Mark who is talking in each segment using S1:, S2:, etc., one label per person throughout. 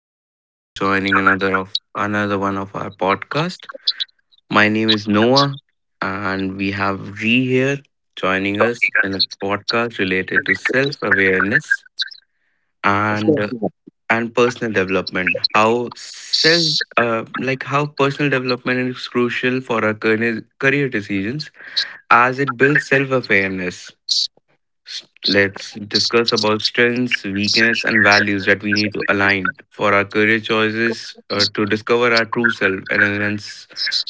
S1: everyone for joining another one of our podcast. My name is Noah and we have Ree here joining us in a podcast related to self-awareness and uh, and personal development. How self like how personal development is crucial for our career decisions as it builds self-awareness. Let's discuss about strengths, weakness, and values that we need to align for our career choices to discover our true self and enhance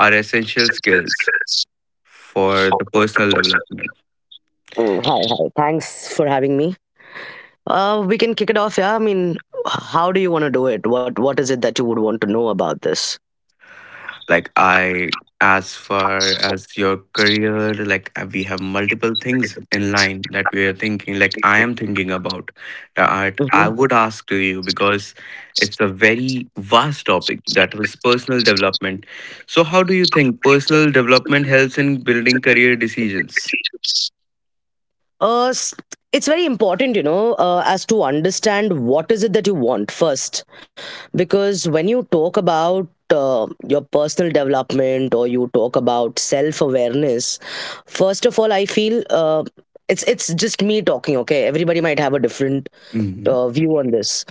S1: our essential skills for the personal development.
S2: Hi, Thanks for having me. We can kick it off. Yeah, I mean, how do you want to do it? What is it that you would want to know about this?
S1: Like I as far as your career, we have multiple things in line that we are thinking, like I am thinking about that I
S2: Mhm.
S1: would ask to you because it's a very vast topic that was personal development. So how do you think personal development helps in building career decisions?
S2: Uh, s- it's very important, you know, as to understand what is it that you want first, because when you talk about your personal development or you talk about self awareness, first of all, I feel it's just me talking. Okay, everybody might have a different
S1: hmm
S2: view on this.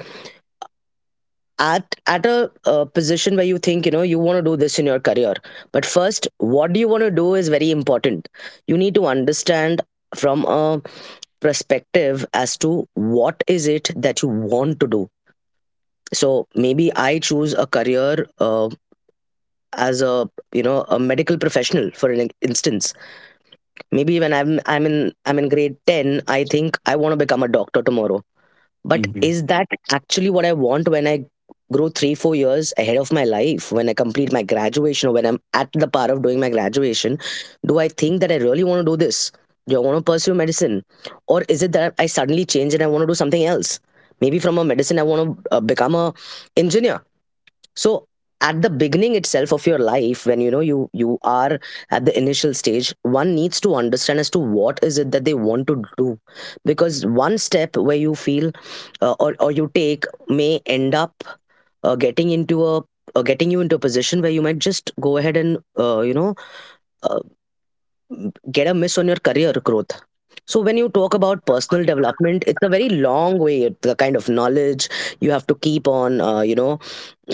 S2: At a position where you think you know you want to do this in your career, but first what do you want to do is very important. You need to understand from a perspective as to what is it that you want to do. So maybe I choose a career, as a, you know, a medical professional for an instance. Maybe when I'm in grade 10, I think I want to become a doctor tomorrow, but
S1: hmm
S2: is that actually what I want when I grow three, 4 years ahead of my life, when I complete my graduation or when I'm at the part of doing my graduation? Do I think that I really want to do this? Do I want to pursue medicine? Or is it that I suddenly change and I want to do something else? Maybe from a medicine, I want to become a engineer. So at the beginning itself of your life, when you know you are at the initial stage, one needs to understand as to what is it that they want to do. Because one step where you feel or you take may end up getting into a getting you into a position where you might just go ahead and you know uh, get a miss on your career growth. So when you talk about personal development, it's a very long way. The kind of knowledge you have to keep on you know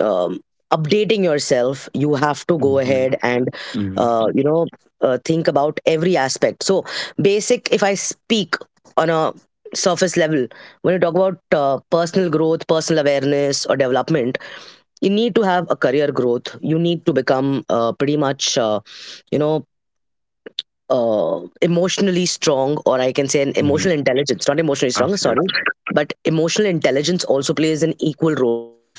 S2: um, updating yourself, you have to go
S1: hmm
S2: ahead and
S1: hmm
S2: you know think about every aspect. So basic, if I speak on a surface level, when you talk about personal growth, personal awareness or development, you need to have a career growth, you need to become pretty much you know emotionally strong, or I can say an emotional intelligence, not emotionally strong, sorry,
S1: Absolutely.
S2: but emotional intelligence also plays an equal role for it.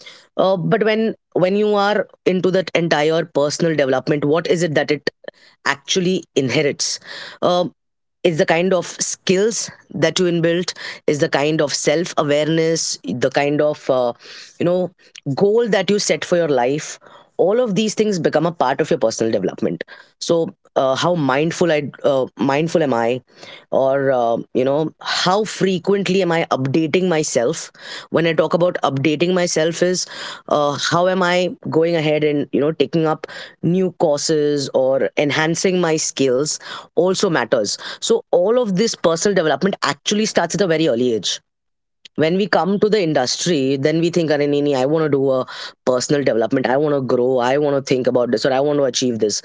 S2: But when you are into that entire personal development, what is it that it actually inherits? Um, is the kind of skills that you inbuilt, is the kind of self awareness, the kind of you know goal that you set for your life. All of these things become a part of your personal development. So how mindful I mindful am I, or you know, how frequently am I updating myself? When I talk about updating myself is how am I going ahead and you know taking up new courses or enhancing my skills, also matters. So all of this personal development actually starts at a very early age. When we come to the industry, then we think, "Arey, nahi, I want to do a personal development. I want to grow. I want to think about this, or I want to achieve this."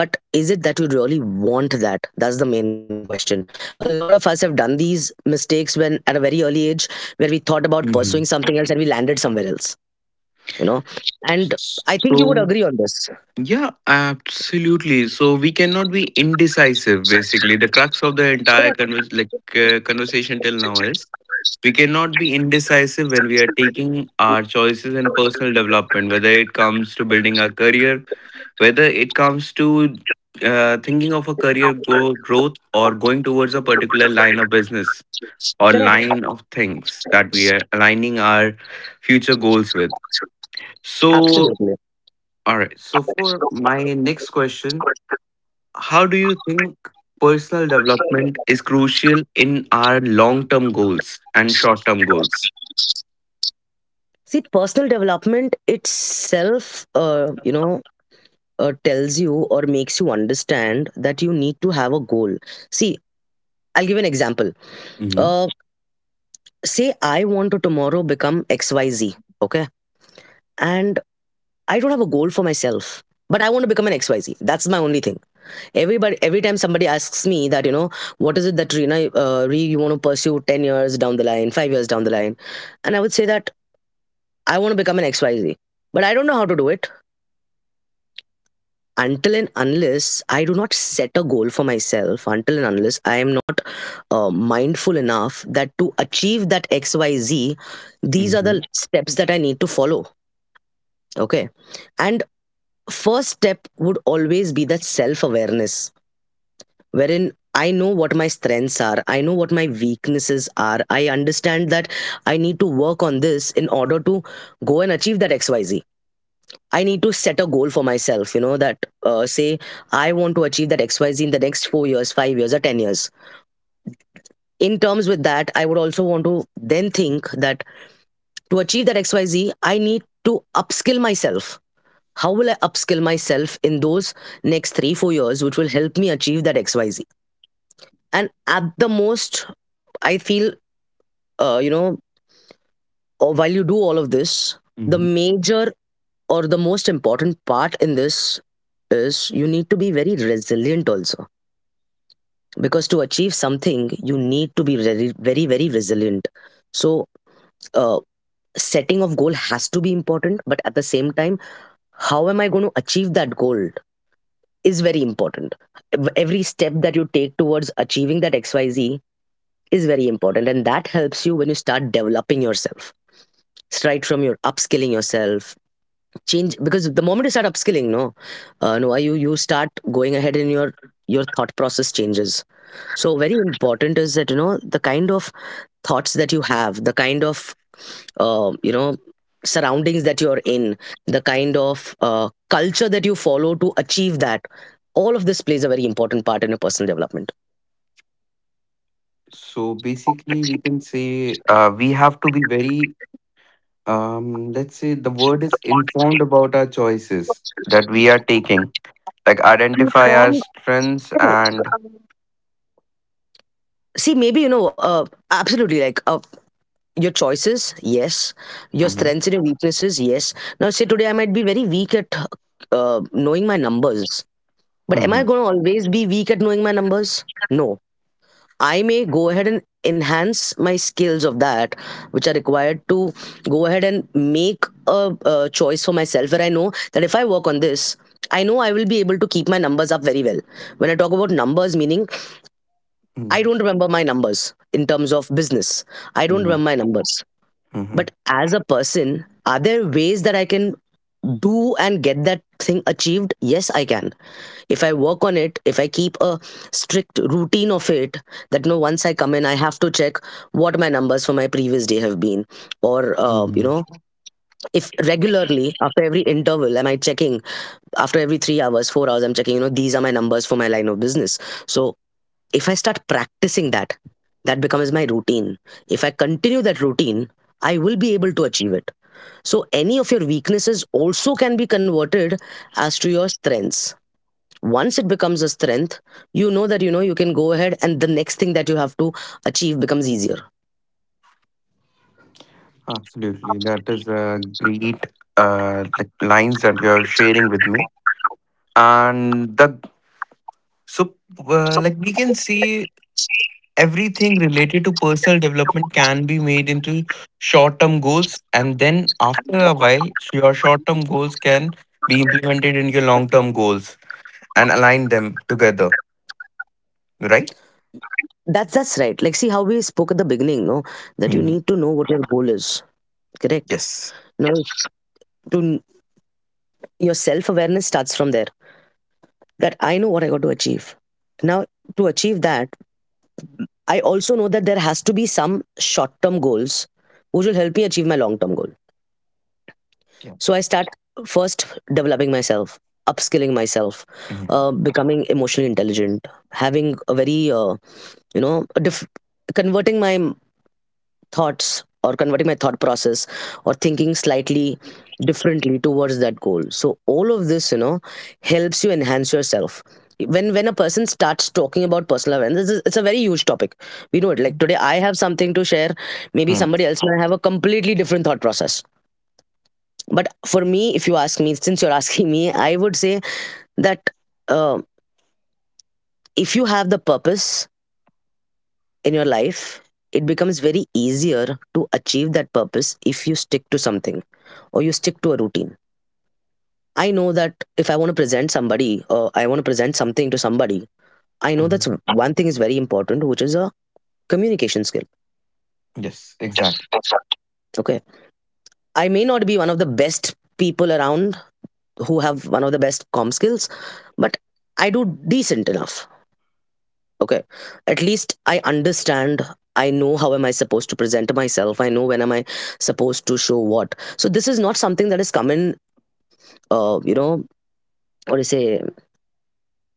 S2: But is it that you really want that? That's the main question. A lot of us have done these mistakes when at a very early age, where we thought about pursuing
S1: hmm
S2: something else and we landed somewhere else. You know, and I think you would
S1: So,
S2: agree on this.
S1: yeah, absolutely. So we cannot be indecisive. Basically, the crux of the entire conversation till now is we cannot be indecisive when we are taking our choices in personal development, whether it comes to building a career, whether it comes to thinking of a growth, or going towards a particular line of business or
S2: Correct.
S1: line of things that we are aligning our future goals with. So,
S2: Absolutely.
S1: all right. So for my next question, how do you think personal development is crucial in our long term goals and short term goals?
S2: See, personal development itself, you know, tells you or makes you understand that you need to have a goal. See, I'll give an example.
S1: hmm
S2: Uh, Say I want to tomorrow become XYZ, okay? And I don't have a goal for myself, but I want to become an XYZ. That's my only thing. Everybody, every time somebody asks me that, you know, what is it that Reena, Ree, you want to pursue 10 years down the line, 5 years down the line? And I would say that I want to become an XYZ, but I don't know how to do it. Until and unless I do not set a goal for myself, until and unless I am not mindful enough that to achieve that XYZ, these are
S1: hmm
S2: the steps that I need to follow. Okay. And first step would always be that self awareness, wherein I know what my strengths are, I know what my weaknesses are, I understand that I need to work on this in order to go and achieve that XYZ. I need to set a goal for myself, you know, that say I want to achieve that XYZ in the next 4 years, 5 years, or 10 years. In terms with that, I would also want to then think that to achieve that XYZ, I need to upskill myself. How will I upskill myself in those next three, 4 years, which will help me achieve that XYZ? And at the most, I feel, you know, or while you do all of this, the
S1: hmm
S2: major or the most important part in this is you need to be very resilient also, because to achieve something you need to be very, very, very resilient. So uh, setting of goal has to be important, but at the same time, how am I going to achieve that goal is very important. Every step that you take towards achieving that XYZ is very important, and that helps you when you start developing yourself, right from your upskilling yourself change, because the moment you start upskilling, no, no you start going ahead in your thought process changes. So very important is that, you know, the kind of thoughts that you have, the kind of you know surroundings that you're in, the kind of culture that you follow to achieve that, all of this plays a very important part in your personal development.
S1: So basically, we can say we have to be very, let's say the word is, informed about our choices that we are taking, like identify our strengths and.
S2: See maybe you know, absolutely, like your choices, yes, your
S1: Mhm,
S2: strengths and your weaknesses, yes. Now say today I might be very weak at knowing my numbers, but am I
S1: mhm,
S2: going to always be weak at knowing my numbers? No, I may go ahead and enhance my skills of that, which are required to go ahead and make a choice for myself where I know that if I work on this, I know I will be able to keep my numbers up very well. When I talk about numbers, meaning I
S1: mhm,
S2: don't remember my numbers in terms of business, I don't
S1: mhm,
S2: remember my numbers.
S1: mhm,
S2: But as a person, are there ways that I can do and get that thing achieved? Yes, I can, if I work on it, if I keep a strict routine of it, that no, once I come in I have to check what my numbers for my previous day have been, or you
S1: mhm.
S2: know, if regularly after every interval am I checking, after every 3 hours, 4 hours I'm checking, you know, these are my numbers for my line of business. So if I start practicing that, that becomes my routine, if I continue that routine, I will be able to achieve it. So any of your weaknesses also can be converted as to your strengths. Once it becomes a strength, you know that you know you can go ahead and the next thing that you have to achieve becomes easier.
S1: Absolutely. That is a great like lines that you're sharing with me. And the so like we can see everything related to personal development can be made into short term goals, and then after a while your short term goals can be implemented in your long term goals and align them together, right?
S2: That's right, like see how we spoke at the beginning, no, that you
S1: Mhm.
S2: need to know what your goal is, correct?
S1: Yes.
S2: Now, to your self awareness starts from there, that I know what I got to achieve. Now, to achieve that, I also know that there has to be some short term goals which will help me achieve my long term goal.
S1: Yeah.
S2: So I start first developing myself, upskilling myself,
S1: Mhm.
S2: becoming emotionally intelligent, having a very, you know, converting my m- thoughts or converting my thought process or thinking slightly differently towards that goal. So all of this, you know, helps you enhance yourself. When a person starts talking about personal awareness, it's a very huge topic. We know it. Like today, I have something to share. Maybe
S1: Mhm.
S2: somebody else might have a completely different thought process, but for me, if you ask me, since you're asking me, I would say that uh, if you have the purpose in your life, it becomes very easier to achieve that purpose if you stick to something or you stick to a routine. I know that if I want to present somebody or I want to present something to somebody, I know that's
S1: Mhm.
S2: one thing is very important, which is a communication skill.
S1: Yes, exactly.
S2: Okay, I may not be one of the best people around who have one of the best com skills, but I do decent enough. Okay, at least I understand. I know how am I supposed to present myself. I know when am I supposed to show what. So this is not something that has come in you know, what do you say,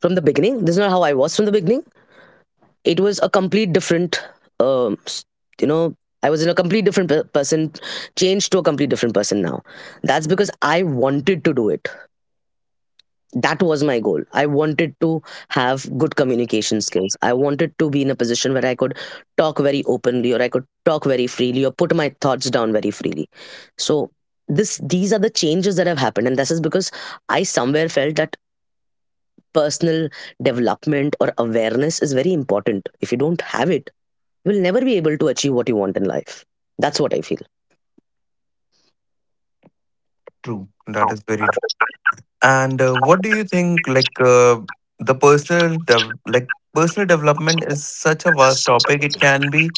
S2: from the beginning. This is not how I was from the beginning. It was a complete different um, s- you know, I was in a complete different person, changed to a complete different person now. That's because I wanted to do it. That was my goal. I wanted to have good communication skills. I wanted to be in a position where I could talk very openly or I could talk very freely or put my thoughts down very freely. So this these are the changes that have happened, and this is because I somewhere felt that personal development or awareness is very important. If you don't have it, you will never be able to achieve what you want in life. That's what I feel.
S1: True, that is very true. And what do you think? Like, personal development is such a vast topic. It can be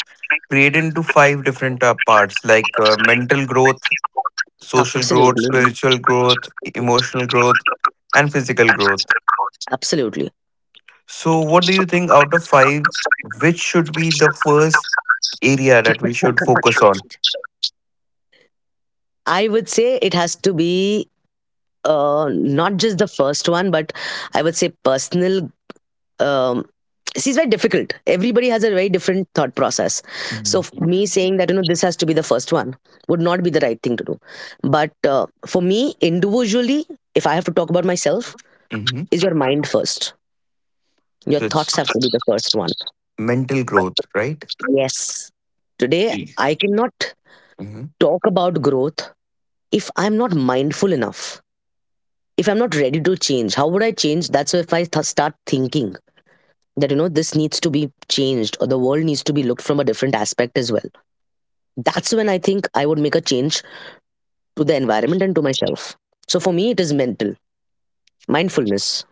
S1: created into five different parts, like mental growth, social growth,
S2: Absolutely.
S1: spiritual growth, emotional growth, and physical growth.
S2: Absolutely.
S1: So, what do you think out of five? Which should be the first area that we should focus on?
S2: I would say it has to be, not just the first one, but I would say personal. Um, See, it's very difficult. Everybody has a very different thought process. So,
S1: Mm-hmm.
S2: me saying that, you know, this has to be the first one would not be the right thing to do. But for me, individually, if I have to talk about myself, is your mind first. Your
S1: So it's
S2: thoughts have to be the first one.
S1: mental growth, right?
S2: Yes. Today, I cannot talk about growth if I'm not mindful enough. If I'm not ready to change, how would I change? That's if I start thinking that, you know, this needs to be changed or the world needs to be looked from a different aspect as well. That's when I think I would make a change to the environment and to myself. So for me, it is mental mindfulness.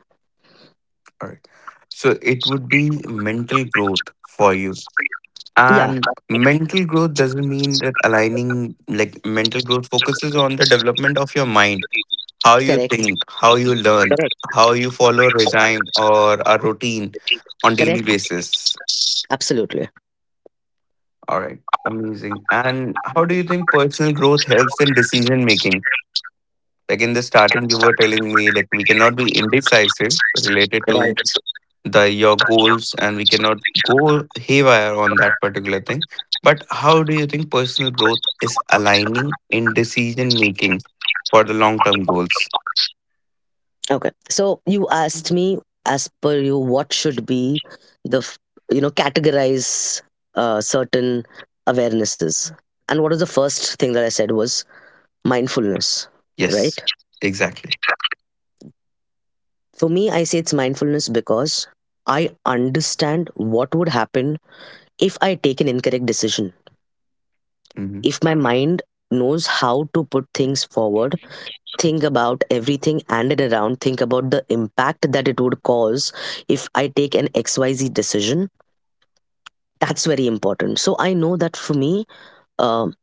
S1: All right. So it would be mental growth for you.
S2: Yeah.
S1: And mental growth doesn't mean that aligning, like, mental growth focuses on the development of your mind, how you
S2: correct
S1: think, how you learn,
S2: correct
S1: how you follow a regime or a routine on daily
S2: correct
S1: basis.
S2: Absolutely.
S1: All right. Amazing. And how do you think personal growth helps in decision making? Like in the starting, you were telling me like we cannot be indecisive related to
S2: Right.
S1: the your goals, and we cannot go haywire on that particular thing. But how do you think personal growth is aligning in decision making for the long term goals?
S2: Okay, so you asked me, as per you, what should be the you know, categorize certain awarenesses, and what was the first thing that I said was mindfulness.
S1: Yes,
S2: Right.
S1: exactly.
S2: For me, I say it's mindfulness because I understand what would happen if I take an incorrect decision.
S1: hmm
S2: If my mind knows how to put things forward, think about everything and it around, think about the impact that it would cause if I take an XYZ decision, that's very important. So I know that for me, um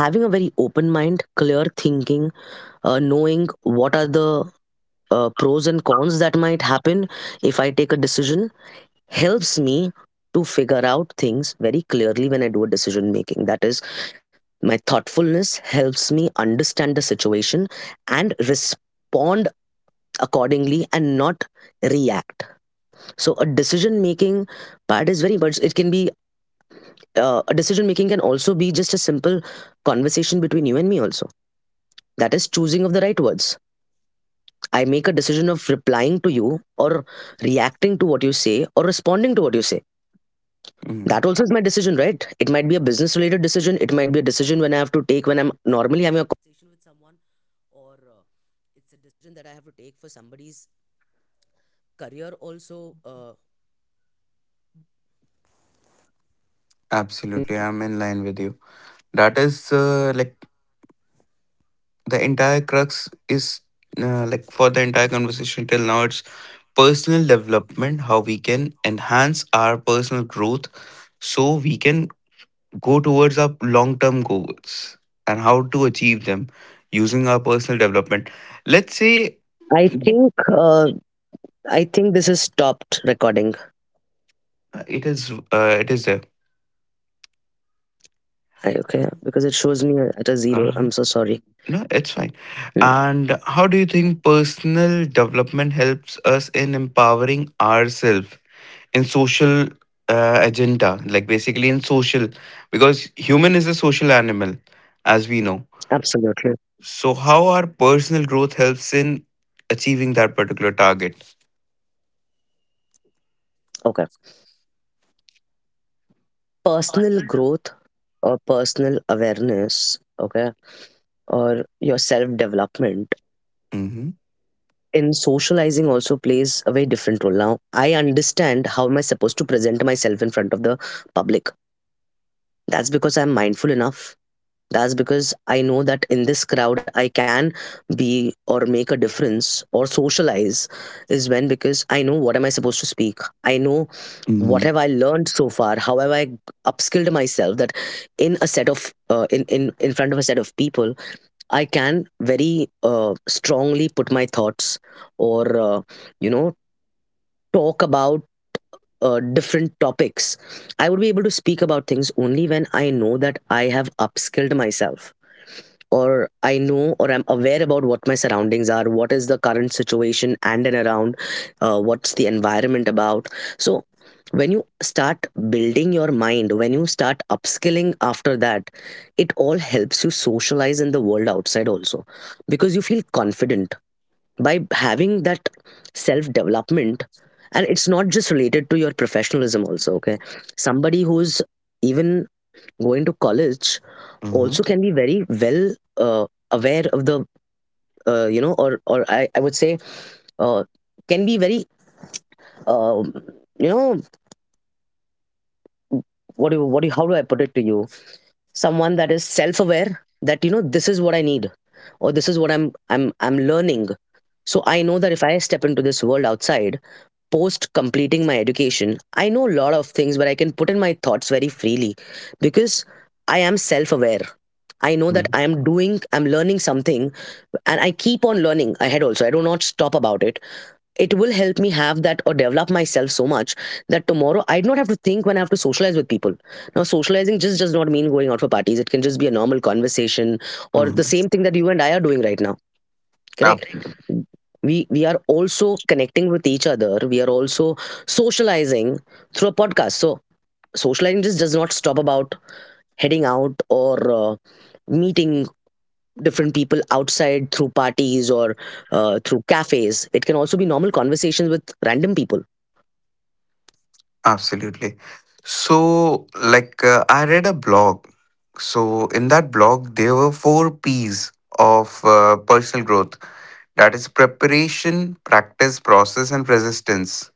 S2: having a very open mind, clear thinking, knowing what are the pros and cons that might happen if I take a decision helps me to figure out things very clearly when I do a decision making. That is, my thoughtfulness helps me understand the situation and respond accordingly and not react. So, a decision making part is very much, it can be, a decision making can also be just a simple conversation between you and me, also. That is choosing of the right words. I make a decision of replying to you or reacting to what you say or responding to what you say.
S1: Mm,
S2: That also is my decision, right? It might be a business related decision. It might be a decision when I have to take when I'm normally.
S1: absolutely, I'm in line with you. That is, like, the entire crux is, like, for the entire conversation till now, it's personal development, how we can enhance our personal growth so we can go towards our long term goals and how to achieve them using our personal development. Let's say.
S2: I
S1: Mhm.
S2: think uh, I think this is stopped recording.
S1: It is it is there.
S2: I, okay, because it shows me at a zero. I'm
S1: Uh,
S2: so sorry.
S1: no, it's fine.
S2: Hmm,
S1: And how do you think personal development helps us in empowering ourselves in social agenda, like basically in social, because human is a social animal, as we know.
S2: absolutely.
S1: So, how our personal growth helps in achieving that particular target?
S2: Okay. Personal growth or personal awareness. Okay, or your self development
S1: Mhm.
S2: in socializing also plays a very different role. Now I understand how am I supposed to present myself in front of the public. That's because I'm mindful enough. That's because I know that in this crowd I can be or make a difference or socialize is when, because I know what am I supposed to speak. I know what
S1: Mm,
S2: have I learned so far. How have I upskilled myself that in a set of in front of a set of people I can very strongly put my thoughts or you know talk about different topics. I would be able to speak about things only when I know that I have upskilled myself or I know or I'm aware about what my surroundings are, what is the current situation and around, what's the environment about. So when you start building your mind, when you start upskilling after that, it all helps you socialize in the world outside also because you feel confident by having that self development. And it's not just related to your professionalism, also. Okay. Somebody who's even going to college
S1: mhm,
S2: also can be very well aware of the , or I would say uh, can be very um, you know what do you, how do I put it to you, someone that is self aware that, you know, this is what I need or this is what I'm learning. So I know that if I step into this world outside post completing my education, I know a lot of things where I can put in my thoughts very freely because I am self aware. I know that
S1: mm,
S2: I am doing I'm learning something and I keep on learning ahead also. I do not stop about it. It will help me have that or develop myself so much that tomorrow I do not have to think when I have to socialize with people. Now socializing just does not mean going out for parties. It can just be a normal conversation or the
S1: mhm.
S2: same thing that you and I are doing right now. Correct.
S1: Absolutely.
S2: We are also connecting with each other. We are also socializing through a podcast. So socializing just does not stop about heading out or uh, meeting different people outside through parties or through cafes. It can also be normal conversations with random people.
S1: Absolutely. So, like, I read a blog. So, in that blog, there were four P's of personal growth, that is, preparation, practice, process, and resistance.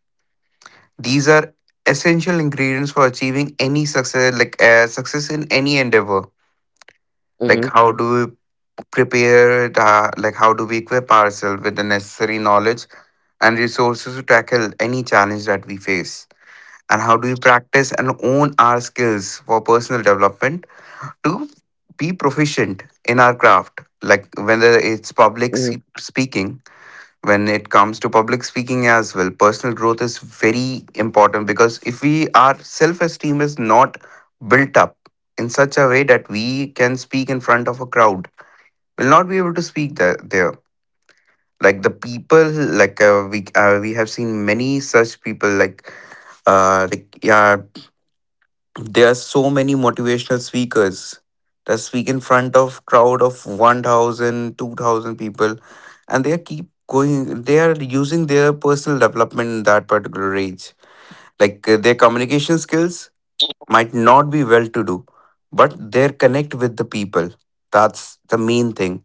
S1: These are essential ingredients for achieving any success, like success in any endeavor.
S2: Hmm.
S1: Like, how do we prepared, like how do we equip ourselves with the necessary knowledge and resources to tackle any challenge that we face, and how do we practice and own our skills for personal development to be proficient in our craft, like whether it's speaking. When it comes to public speaking as well, personal growth is very important, because if we, our self esteem is not built up in such a way that we can speak in front of a crowd, will not be able to speak there. Like the people, like, we have seen many such people. Like like, yeah, there are so many motivational speakers that speak in front of crowd of 1,000, 2,000 people, and they keep going. They are using their personal development in that particular age. Like their communication skills might not be well to do, but their connect with the people. That's the main thing.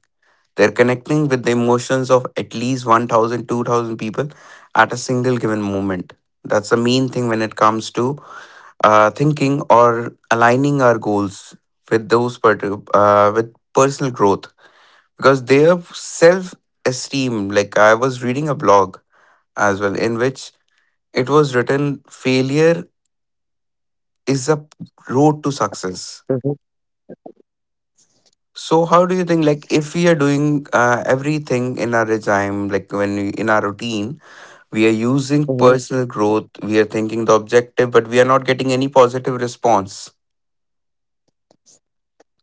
S1: They're connecting with the emotions of at least 1,000, 2,000 people at a single given moment. That's the main thing when it comes to thinking or aligning our goals with those particular, with personal growth, because their self esteem. Like I was reading a blog as well in which it was written, failure is a road to success. So how do you think, like, if we are doing everything in our regime, like when we, in our routine, we are using personal growth, we are thinking the objective, but we are not getting any positive response,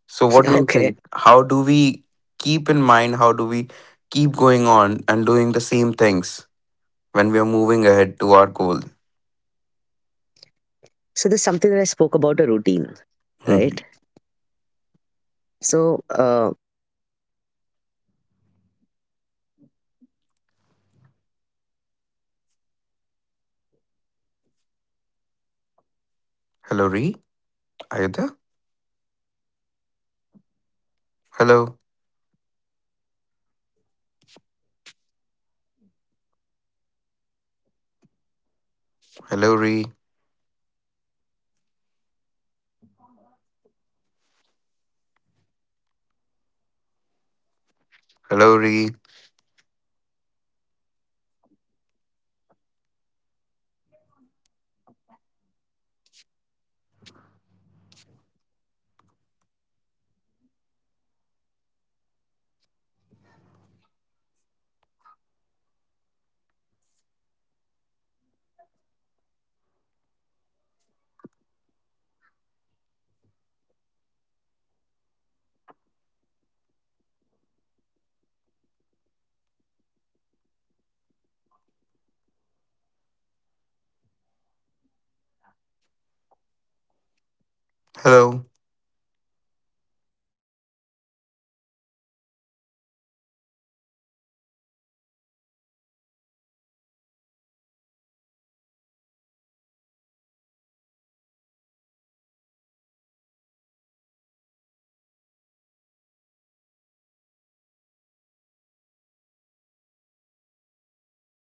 S1: so what do you think, how do we keep in mind, how do we keep going on and doing the same things when we are moving ahead to our goal? Hmm. Hello, Ree, are you there? Hello. Hello, Ree. Hello, Ree. Hello.